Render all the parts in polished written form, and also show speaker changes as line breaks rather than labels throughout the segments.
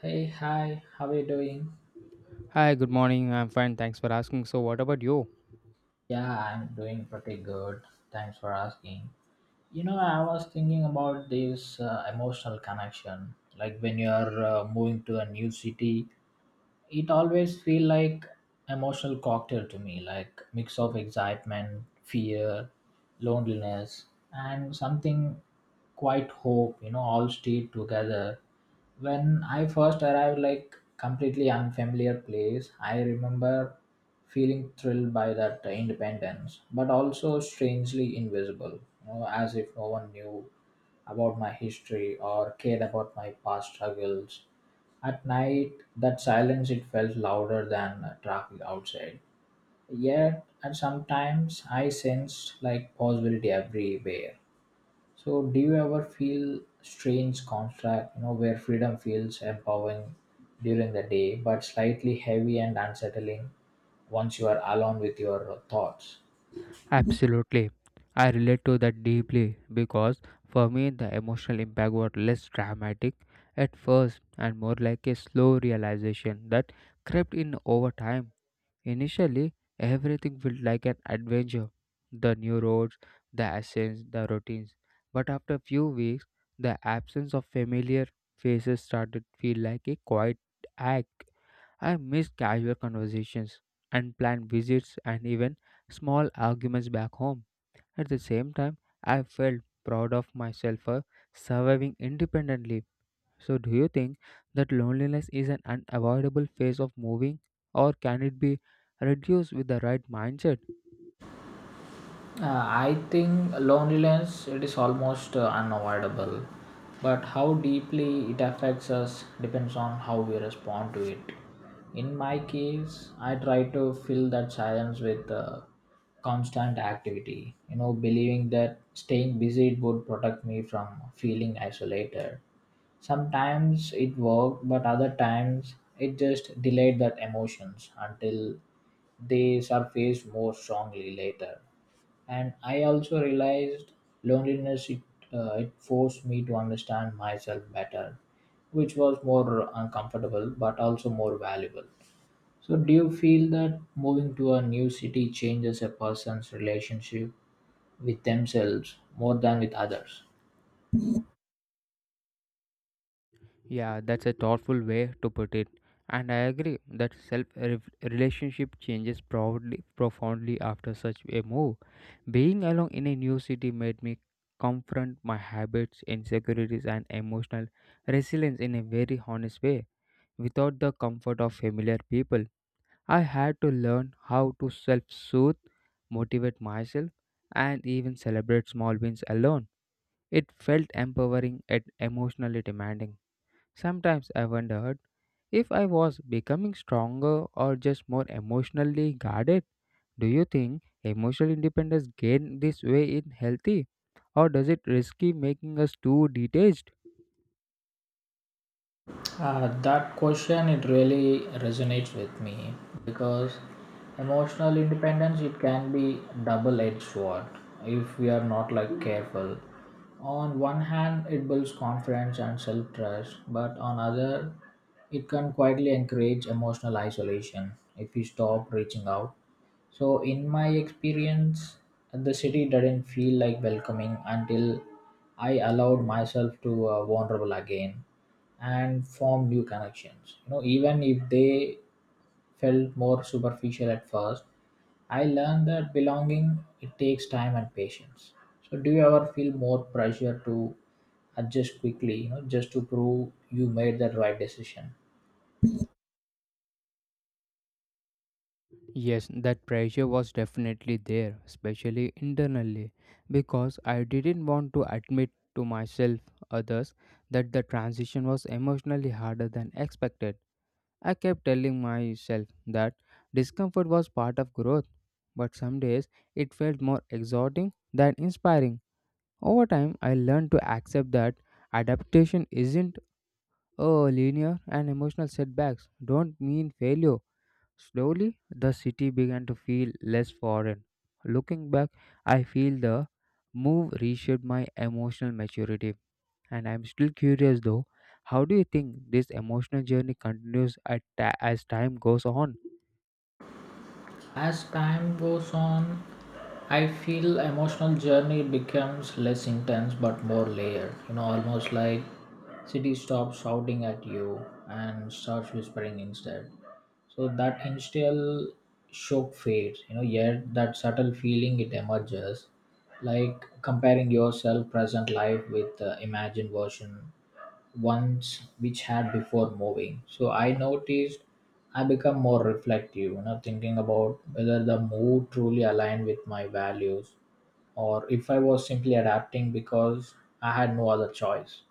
Hey, hi, how are you doing?
Hi, good morning. I'm fine. Thanks for asking. So, what about you?
Yeah, I'm doing pretty good. Thanks for asking. I was thinking about this emotional connection. Like when you're moving to a new city, it always feel like emotional cocktail to me like mix of excitement fear loneliness and something quite hope all stayed together when I first arrived like completely unfamiliar place I remember feeling thrilled by that independence but also strangely invisible as if no one knew about my history or cared about my past struggles at night, that silence it felt louder than traffic outside. Yet, at sometimes I sensed like possibility everywhere. So, do you ever feel strange contract, where freedom feels empowering during the day, but slightly heavy and unsettling once you are alone with your thoughts?
Absolutely. I relate to that deeply because for me the emotional impact was less dramatic at first and more like a slow realization that crept in over time. Initially, everything felt like an adventure, the new roads, the ascents, the routines. But after a few weeks, the absence of familiar faces started to feel like a quiet ache. I miss casual conversations, unplanned visits, and even small arguments back home. At the same time, I felt proud of myself for surviving independently. So, do you think that loneliness is an unavoidable phase of moving, or can it be reduced with the right mindset?
I think loneliness it is almost unavoidable, but how deeply it affects us depends on how we respond to it. In my case, I try to fill that silence with constant activity, believing that staying busy would protect me from feeling isolated. Sometimes it worked, but other times it just delayed that emotions until they surface more strongly later and I also realized loneliness it forced me to understand myself better which was more uncomfortable but also more valuable so do you feel that moving to a new city changes a person's relationship with themselves more than with others?
Yeah, that's a thoughtful way to put it. And I agree that self relationship changes proudly, profoundly after such a move. Being alone in a new city made me confront my habits, insecurities, and emotional resilience in a very honest way. Without the comfort of familiar people, I had to learn how to self soothe, motivate myself, and even celebrate small wins alone. It felt empowering and emotionally demanding. Sometimes I wondered if I was becoming stronger or just more emotionally guarded. Do you think emotional independence gained this way in healthy, or does it risky making us too detached?
That question it really resonates with me because emotional independence it can be double-edged sword if we are not like careful. On one hand, it builds confidence and self-trust, but on other, it can quietly encourage emotional isolation if we stop reaching out. So, in my experience, the city didn't feel like welcoming until I allowed myself to vulnerable again and form new connections. Even if they felt more superficial at first, I learned that belonging it takes time and patience. So, do you ever feel more pressure to adjust quickly, just to prove you made the right decision?
Yes, that pressure was definitely there, especially internally, because I didn't want to admit to myself, others, that the transition was emotionally harder than expected. I kept telling myself that discomfort was part of growth, but some days it felt more exhorting than inspiring. Over time, I learned to accept that adaptation isn't a linear and emotional setbacks don't mean failure. Slowly, the city began to feel less foreign. Looking back, I feel the move reshaped my emotional maturity and I'm still curious though, how do you think this emotional journey continues as time goes on?
As time goes on, I feel emotional journey becomes less intense but more layered, almost like city stops shouting at you and starts whispering instead. So that initial shock fades, yet that subtle feeling it emerges, like comparing your self present life with the imagined version ones which had before moving. So I noticed I become more reflective, thinking about whether the move truly aligned with my values or if I was simply adapting because I had no other choice.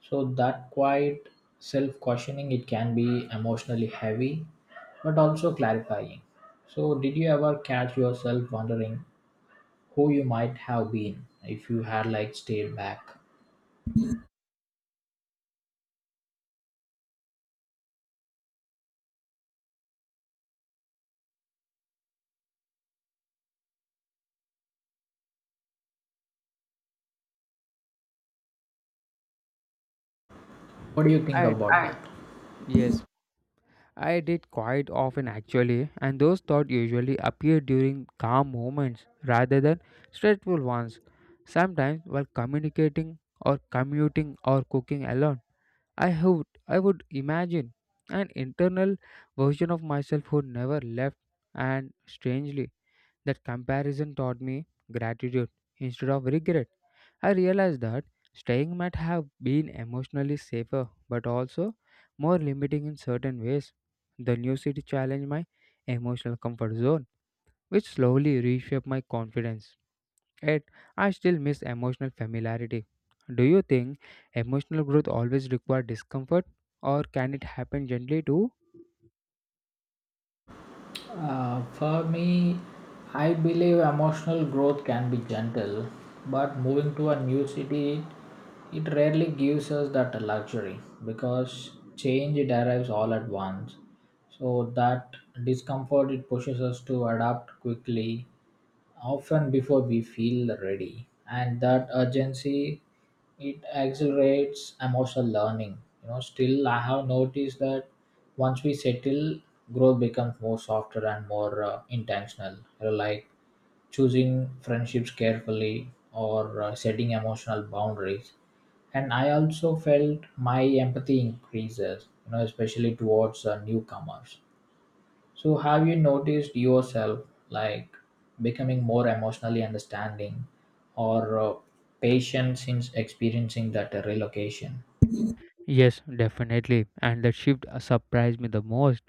So that quiet self-questioning it can be emotionally heavy but also clarifying. So did you ever catch yourself wondering who you might have been if you had like stayed back? What do you think
I,
about I that?
yes, I did quite often actually, and those thoughts usually appear during calm moments rather than stressful ones. Sometimes while communicating or commuting or cooking alone, I would imagine an internal version of myself who never left, and strangely that comparison taught me gratitude instead of regret. I realized that staying might have been emotionally safer but also more limiting in certain ways. The new city challenged my emotional comfort zone, which slowly reshaped my confidence. Yet, I still miss emotional familiarity. Do you think emotional growth always requires discomfort or can it happen gently too?
For me, I believe emotional growth can be gentle, but moving to a new city, it rarely gives us that luxury because change it arrives all at once. So that discomfort it pushes us to adapt quickly often before we feel ready and that urgency it accelerates emotional learning still I have noticed that once we settle growth becomes more softer and more intentional. Like choosing friendships carefully or setting emotional boundaries and I also felt my empathy increases especially towards newcomers so, have you noticed yourself like becoming more emotionally understanding or patient since experiencing that relocation?
Yes, definitely. And that shift surprised me the most.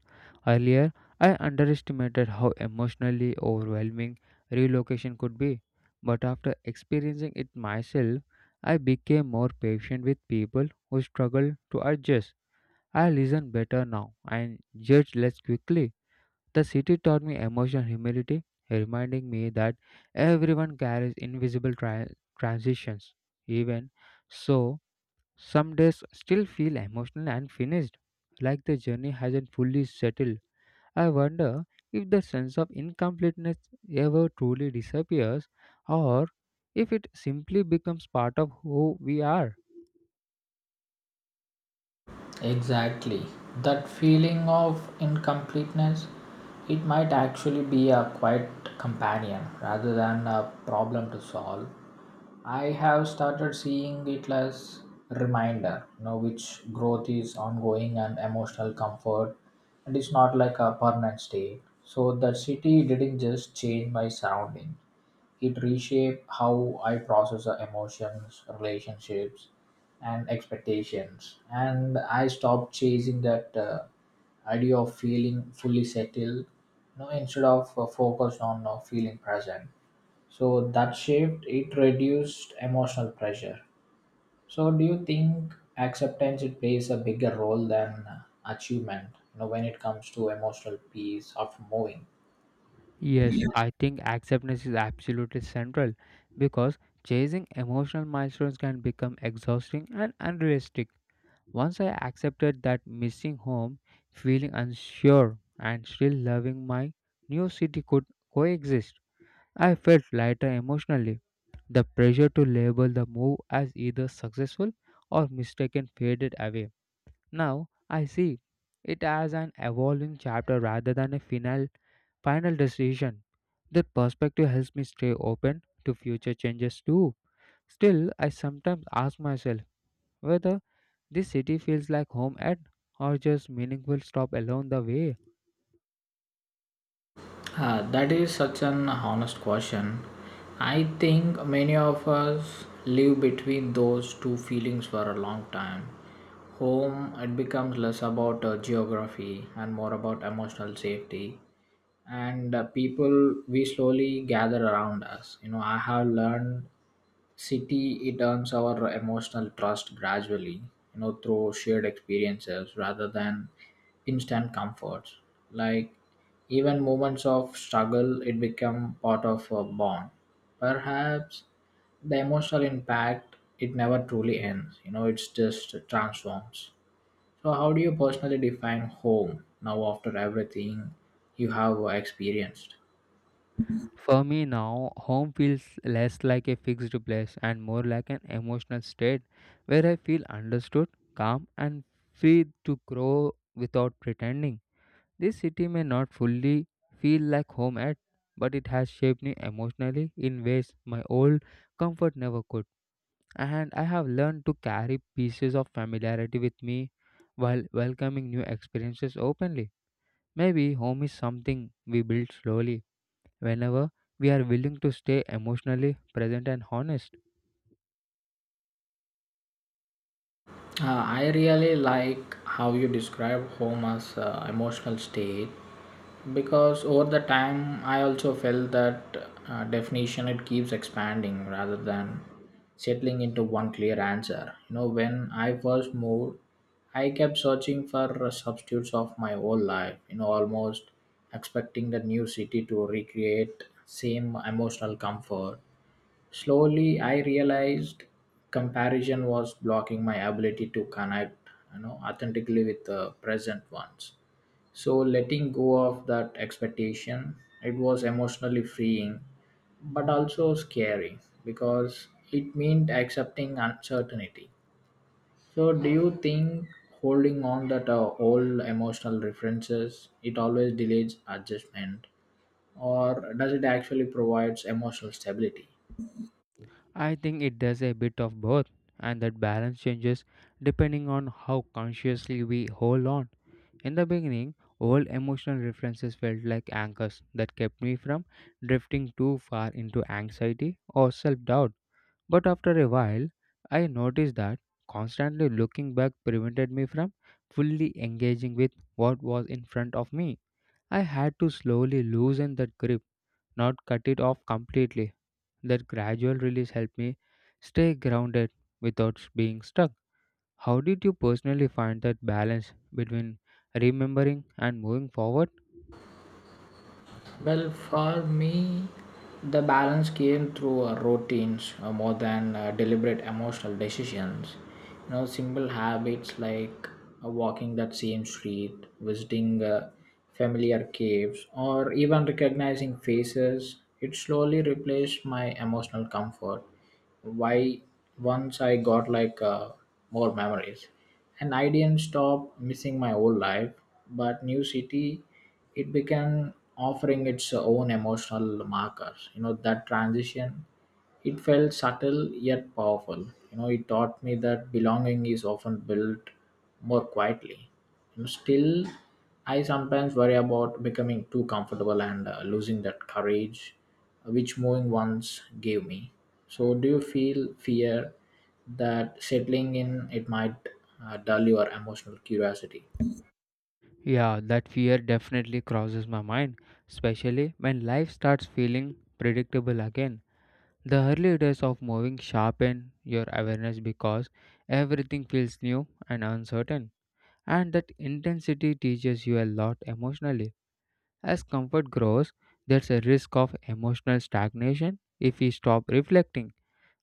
Earlier, I underestimated how emotionally overwhelming relocation could be. But after experiencing it myself, I became more patient with people who struggle to adjust. I listen better now and judge less quickly. The city taught me emotional humility, reminding me that everyone carries invisible transitions. Even so, some days still feel emotional and finished, like the journey hasn't fully settled. I wonder if the sense of incompleteness ever truly disappears or if it simply becomes part of who we are.
Exactly. That feeling of incompleteness, it might actually be a quiet companion rather than a problem to solve. I have started seeing it as reminder, which growth is ongoing and emotional comfort and it's not like a permanent state. So the city didn't just change my surrounding. It reshaped how I process the emotions, relationships, and expectations. And I stopped chasing that idea of feeling fully settled, instead of focused on feeling present. So that shift it reduced emotional pressure. So do you think acceptance it plays a bigger role than achievement, You know, when it comes to emotional peace after moving?
Yes, I think acceptance is absolutely central because chasing emotional milestones can become exhausting and unrealistic. Once I accepted that missing home, feeling unsure, and still loving my new city could coexist, I felt lighter emotionally. The pressure to label the move as either successful or mistaken faded away. Now I see it as an evolving chapter rather than a final decision. That perspective helps me stay open to future changes too. Still, I sometimes ask myself whether this city feels like home at or just meaningful stop along the way.
That is such an honest question. I think many of us live between those two feelings for a long time. Home, it becomes less about geography and more about emotional safety. And people, we slowly gather around us. I have learned city, it earns our emotional trust gradually, through shared experiences rather than instant comforts. Like even moments of struggle, it become part of a bond. Perhaps the emotional impact, it never truly ends. It's just transforms. So, how do you personally define home now after everything you have experienced?
For me now, home feels less like a fixed place and more like an emotional state where I feel understood, calm, and free to grow without pretending. This city may not fully feel like home yet, but it has shaped me emotionally in ways my old comfort never could. And I have learned to carry pieces of familiarity with me while welcoming new experiences openly. Maybe home is something we build slowly whenever we are willing to stay emotionally present and honest.
I really like how you describe home as emotional state because over the time I also felt that definition it keeps expanding rather than settling into one clear answer. When I first moved, I kept searching for substitutes of my whole life, almost expecting the new city to recreate same emotional comfort. Slowly, I realized comparison was blocking my ability to connect, authentically with the present ones. So letting go of that expectation, it was emotionally freeing, but also scary because it meant accepting uncertainty. So, do you think holding on that old emotional references it always delays adjustment, or does it actually provides emotional stability?
I think it does a bit of both, and that balance changes depending on how consciously we hold on. In the beginning, old emotional references felt like anchors that kept me from drifting too far into anxiety or self doubt. But after a while, I noticed that constantly looking back prevented me from fully engaging with what was in front of me. I had to slowly loosen that grip, not cut it off completely. That gradual release helped me stay grounded without being stuck. How did you personally find that balance between remembering and moving forward?
Well, for me, the balance came through routines more than deliberate emotional decisions. Simple habits like walking that same street, visiting familiar caves, or even recognizing faces, it slowly replaced my emotional comfort. Why once I got like more memories and I didn't stop missing my old life. But new city, it began offering its own emotional markers. That transition, it felt subtle yet powerful. It taught me that belonging is often built more quietly. Still, I sometimes worry about becoming too comfortable and losing that courage which moving once gave me. So, do you feel fear that settling in it might dull your emotional curiosity?
Yeah, that fear definitely crosses my mind, especially when life starts feeling predictable again. The early days of moving sharpen your awareness because everything feels new and uncertain, and that intensity teaches you a lot emotionally. As comfort grows, there's a risk of emotional stagnation if we stop reflecting.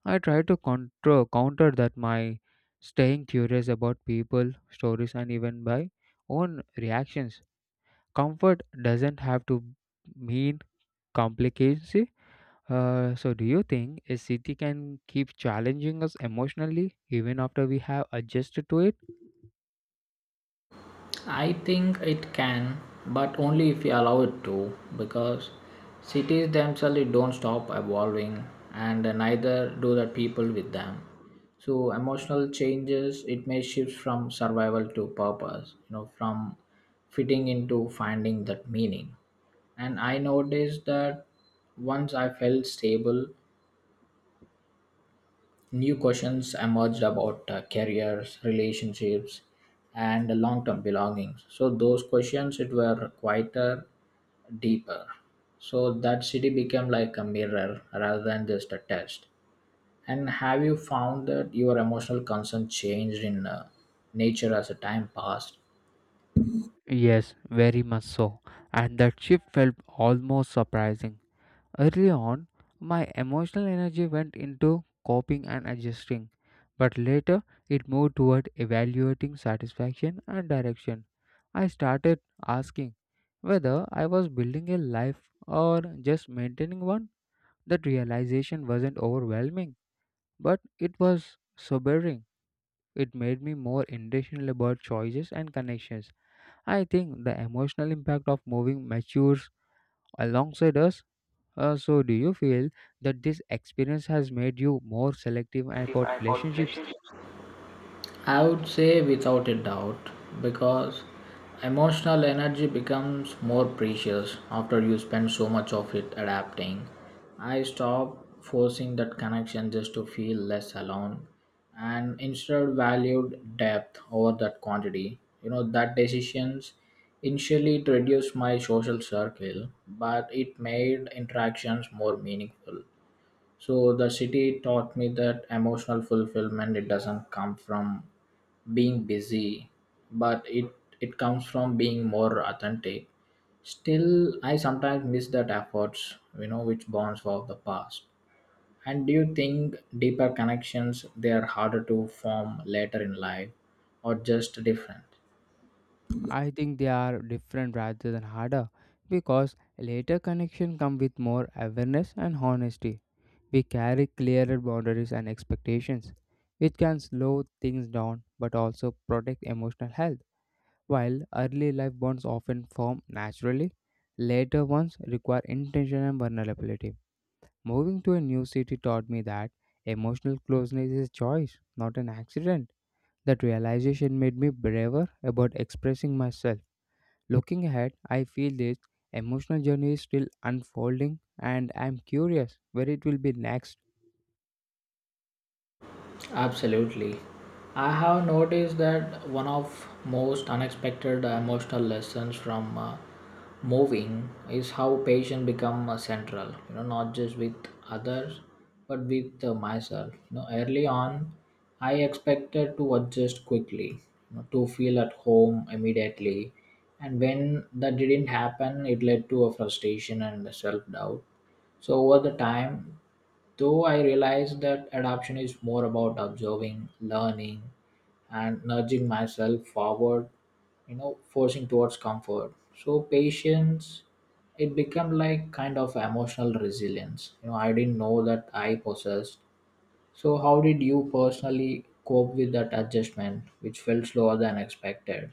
I try to counter that my staying curious about people, stories, and even by own reactions. Comfort doesn't have to mean complicacy. So, do you think a city can keep challenging us emotionally even after we have adjusted to it?
I think it can but only if you allow it to because cities themselves don't stop evolving and neither do the people with them so emotional changes it may shift from survival to purpose, from fitting into finding that meaning and I noticed that once I felt stable, new questions emerged about careers, relationships, and long-term belongings. So those questions it were quieter, deeper. So that city became like a mirror rather than just a test. And have you found that your emotional concern changed in nature as the time passed?
Yes, very much so. And that shift felt almost surprising. Early on, my emotional energy went into coping and adjusting, but later it moved toward evaluating satisfaction and direction. I started asking whether I was building a life or just maintaining one. That realization wasn't overwhelming, but it was sobering. It made me more intentional about choices and connections. I think the emotional impact of moving matures alongside us. So, do you feel that this experience has made you more selective
Ultimately,
about relationships?
I would say without a doubt because emotional energy becomes more precious after you spend so much of it adapting. I stopped forcing that connection just to feel less alone and instead valued depth over that quantity. That decisions initially to reduce my social circle, but it made interactions more meaningful. So the city taught me that emotional fulfillment it doesn't come from being busy, but it comes from being more authentic. Still, I sometimes miss that efforts, which bonds of the past. And do you think deeper connections they are harder to form later in life, or just different?
I think they are different rather than harder because later connection come with more awareness and honesty. We carry clearer boundaries and expectations, which can slow things down but also protect emotional health. While early life bonds often form naturally, later ones require intention and vulnerability. Moving to a new city taught me that emotional closeness is choice, not an accident. That realization made me braver about expressing myself. Looking ahead, I feel this emotional journey is still unfolding and I'm curious where it will be next.
Absolutely. I have noticed that one of most unexpected emotional lessons from moving is how patient become central, not just with others, but with myself. Early on, I expected to adjust quickly, to feel at home immediately. And when that didn't happen, it led to a frustration and self doubt so over the time, though I realized that adoption is more about observing, learning, and nudging myself forward, forcing towards comfort. So patience, it became like kind of emotional resilience. I didn't know that I possessed. So how did you personally cope with that adjustment, which felt slower than expected?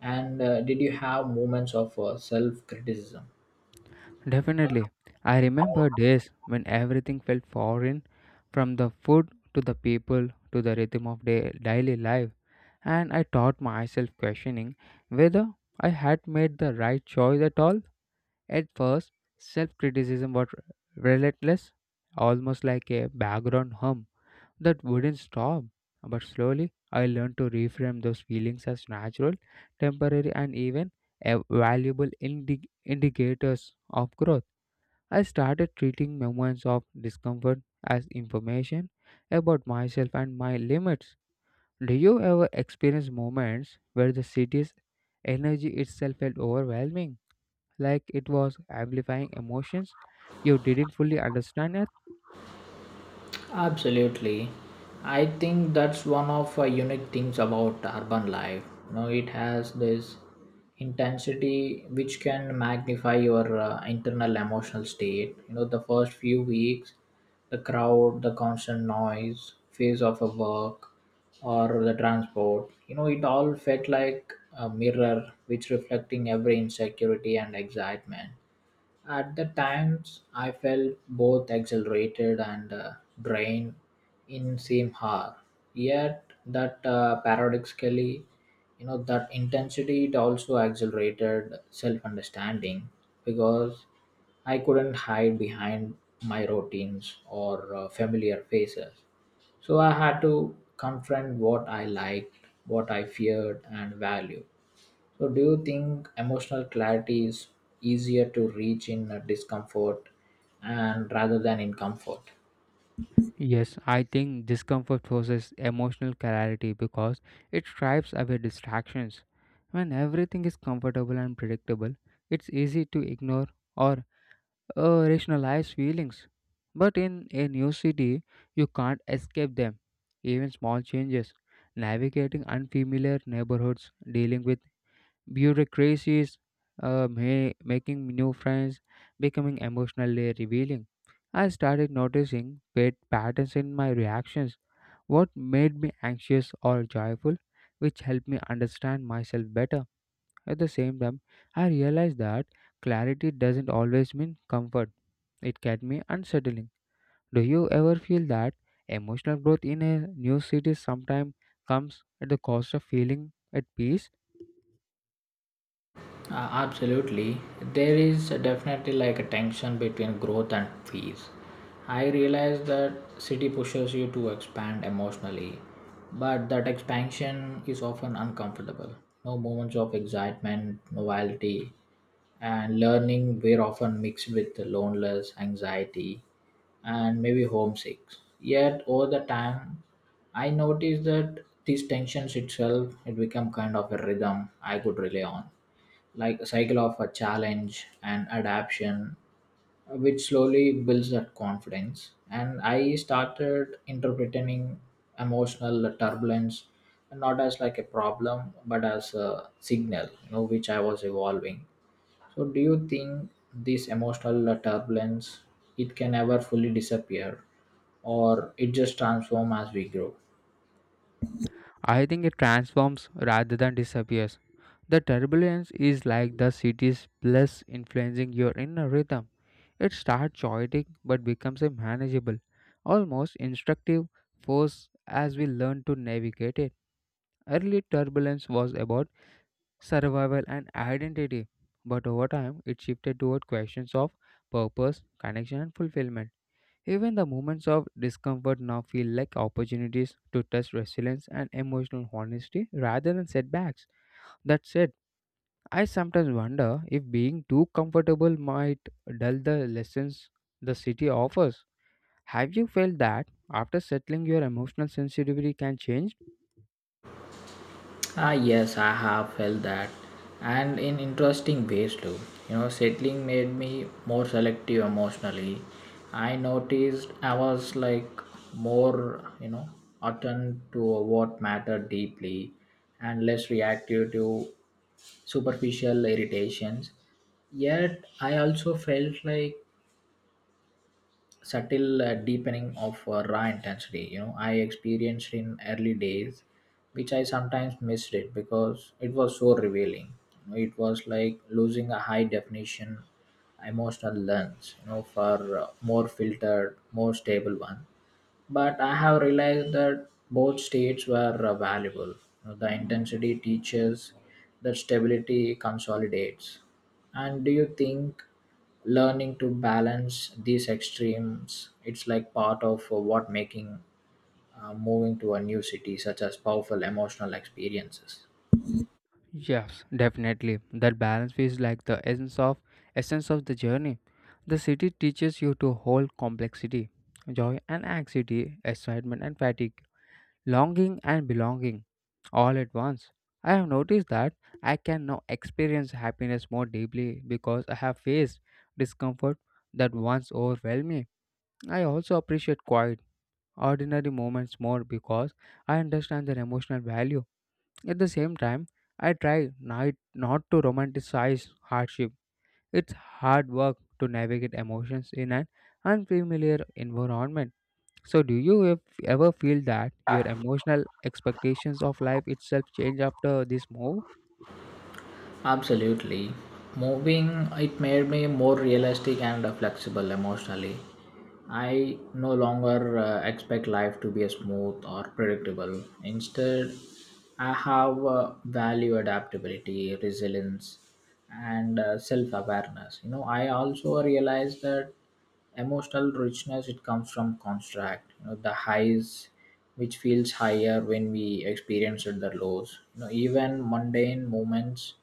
And did you have moments of self criticism?
Definitely. I remember days when everything felt foreign, from the food to the people to the rhythm of daily life, and I taught myself questioning whether I had made the right choice at all. At first, self criticism was relentless, almost like a background hum that wouldn't stop. But slowly, I learned to reframe those feelings as natural, temporary, and even a valuable indicators of growth. I started treating moments of discomfort as information about myself and my limits. Do you ever experience moments where the city's energy itself felt overwhelming, like it was amplifying emotions you didn't fully understand it?
Absolutely. I think that's one of unique things about urban life. It has this intensity which can magnify your internal emotional state. The first few weeks, the crowd, the constant noise, phase of a work, or the transport. It all felt like a mirror which reflecting every insecurity and excitement at the times, I felt both exhilarated and drained in same hour. Yet that paradoxically, that intensity it also accelerated self-understanding because I couldn't hide behind my routines or familiar faces. So I had to confront what I liked, what I feared, and valued. So, do you think emotional clarity is easier to reach in discomfort and rather than in comfort?
Yes, I think discomfort forces emotional clarity because it strips away distractions. When everything is comfortable and predictable, it's easy to ignore or rationalize feelings. But in a new city, you can't escape them. Even small changes, navigating unfamiliar neighborhoods, dealing with bureaucracies, making new friends, becoming emotionally revealing. I started noticing patterns in my reactions, what made me anxious or joyful, which helped me understand myself better. At the same time, I realized that clarity doesn't always mean comfort, it can be unsettling. Do you ever feel that emotional growth in a new city sometimes comes at the cost of feeling at peace?
Absolutely. There is definitely like a tension between growth and fees. I realize that city pushes you to expand emotionally, but that expansion is often uncomfortable. No moments of excitement, novelty, and learning were often mixed with loneliness, anxiety, and maybe homesick. Yet over the time, I noticed that these tensions itself it become kind of a rhythm I could rely on, like a cycle of a challenge and adaptation, which slowly builds that confidence. And I started interpreting emotional turbulence not as like a problem but as a signal, which I was evolving. So do you think this emotional turbulence it can ever fully disappear, or it just transform as we grow?
I think it transforms rather than disappears. The turbulence is like the city's bliss influencing your inner rhythm. It starts chaotic but becomes a manageable, almost instructive force as we learn to navigate it. Early turbulence was about survival and identity, but over time it shifted toward questions of purpose, connection, and fulfillment. Even the moments of discomfort now feel like opportunities to test resilience and emotional honesty rather than setbacks. That said, I sometimes wonder if being too comfortable might dull the lessons the city offers. Have you felt that after settling your emotional sensitivity can change?
Yes, I have felt that, and in interesting ways too. You know, settling made me more selective emotionally. I noticed I was like more, attuned to what mattered deeply and less reactive to superficial irritations. Yet, I also felt like subtle deepening of raw intensity I experienced in early days, which I sometimes missed it because it was so revealing. You know, it was like losing a high definition emotional lens for more filtered, more stable one, but I have realized that both states were valuable. The intensity teaches that stability consolidates. And do you think learning to balance these extremes it's like part of what making moving to a new city such as powerful emotional experiences?
Yes, definitely. That balance feels like the essence of the journey. The city teaches you to hold complexity, joy and anxiety, excitement and fatigue, longing and belonging, all at once. I have noticed that I can now experience happiness more deeply because I have faced discomfort that once overwhelmed me. I also appreciate quiet, ordinary moments more because I understand their emotional value. At the same time, I try not to romanticize hardship. It's hard work to navigate emotions in an unfamiliar environment. So, do you ever feel that your emotional expectations of life itself change after this move?
Absolutely. Moving, it made me more realistic and flexible emotionally. I no longer expect life to be smooth or predictable. Instead, I have value adaptability, resilience, and self awareness. You know, I also realized that emotional richness it comes from contract, the highs which feels higher when we experience it, the lows, even mundane moments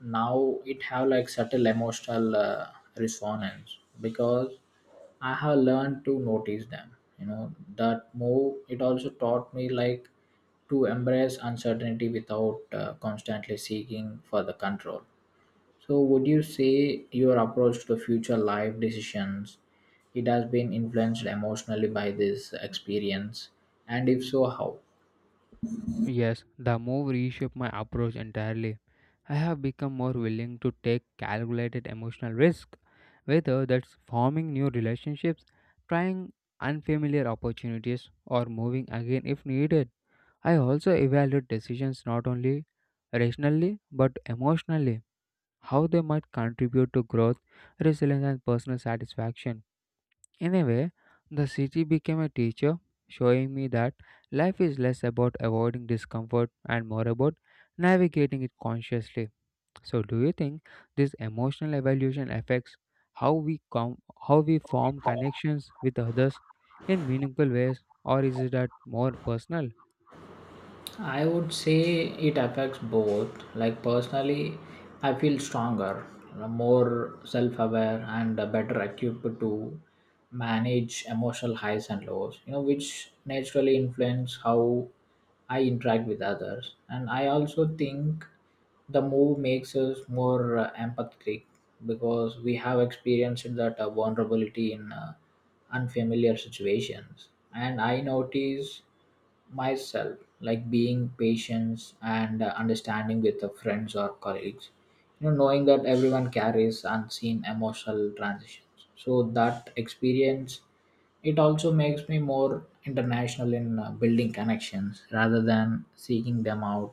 now it have like subtle emotional resonance because I have learned to notice them. You know, that move it also taught me like to embrace uncertainty without constantly seeking for the control. So, would you say your approach to future life decisions it has been influenced emotionally by this experience, and if so, how?
Yes, the move reshaped my approach entirely. I have become more willing to take calculated emotional risk, whether that's forming new relationships, trying unfamiliar opportunities, or moving again if needed. I also evaluate decisions not only rationally but emotionally, how they might contribute to growth, resilience, and personal satisfaction. Anyway, the city became a teacher, showing me that life is less about avoiding discomfort and more about navigating it consciously. So, do you think this emotional evaluation affects how we com- how we form connections with others in meaningful ways, or is it that more personal?
I would say it affects both. Like personally, I feel stronger, more self-aware, and better equipped to manage emotional highs and lows. You know, which naturally influence how I interact with others. And I also think the move makes us more empathetic, because we have experienced that vulnerability in unfamiliar situations. And I notice myself like being patient and understanding with the friends or colleagues, knowing that everyone carries unseen emotional transitions. So that experience it also makes me more international in building connections rather than seeking them out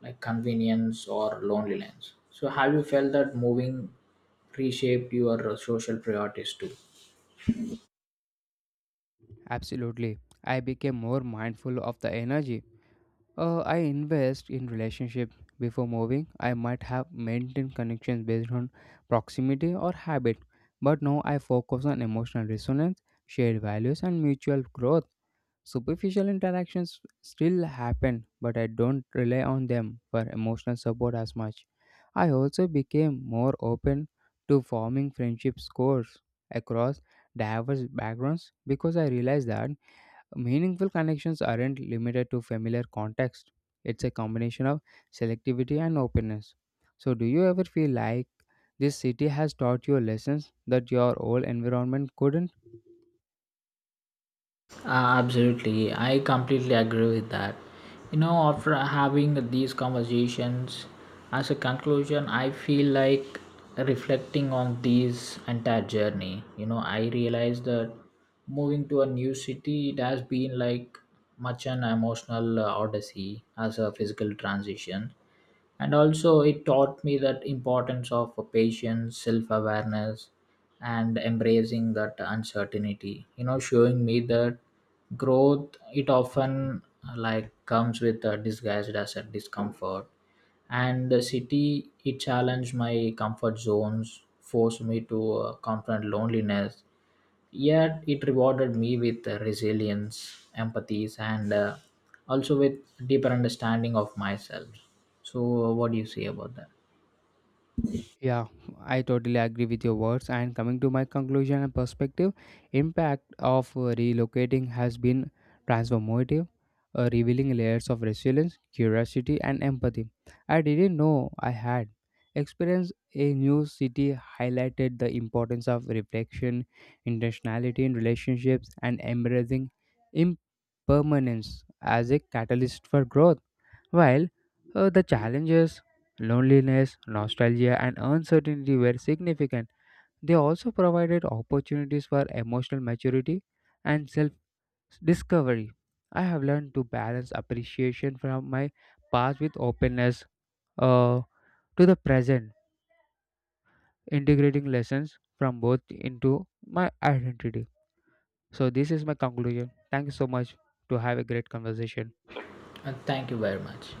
like convenience or loneliness. So, have you felt that moving reshaped your social priorities too?
Absolutely, I became more mindful of the energy I invest in relationship before moving. I might have maintained connections based on proximity or habit, but now I focus on emotional resonance, shared values, and mutual growth. Superficial interactions still happen, but I don't rely on them for emotional support as much. I also became more open to forming friendship scores across diverse backgrounds because I realized that meaningful connections aren't limited to familiar context. It's a combination of selectivity and openness. So, do you ever feel like this city has taught you lessons that your old environment couldn't?
Absolutely, I completely agree with that. You know, after having these conversations, as a conclusion, I feel like reflecting on this entire journey. You know, I realized that moving to a new city, it has been like much an emotional odyssey as a physical transition. And also it taught me that importance of patience, self-awareness, and embracing that uncertainty, showing me that growth it often like comes with a disguised as a discomfort. And the city it challenged my comfort zones, forced me to confront loneliness. Yet it rewarded me with resilience, empathies, and also with deeper understanding of myself. So, what do you say about that?
Yeah, I totally agree with your words. And coming to my conclusion and perspective, impact of relocating has been transformative, revealing layers of resilience, curiosity, and empathy I didn't know I had. Experience a new city highlighted the importance of reflection, intentionality in relationships, and embracing impermanence as a catalyst for growth. While the challenges, loneliness, nostalgia, and uncertainty were significant. They also provided opportunities for emotional maturity and self discovery. I have learned to balance appreciation from my past with openness uh, to the present, integrating lessons from both into my identity. So, this is my conclusion. Thank you so much to have a great conversation.
Thank you very much.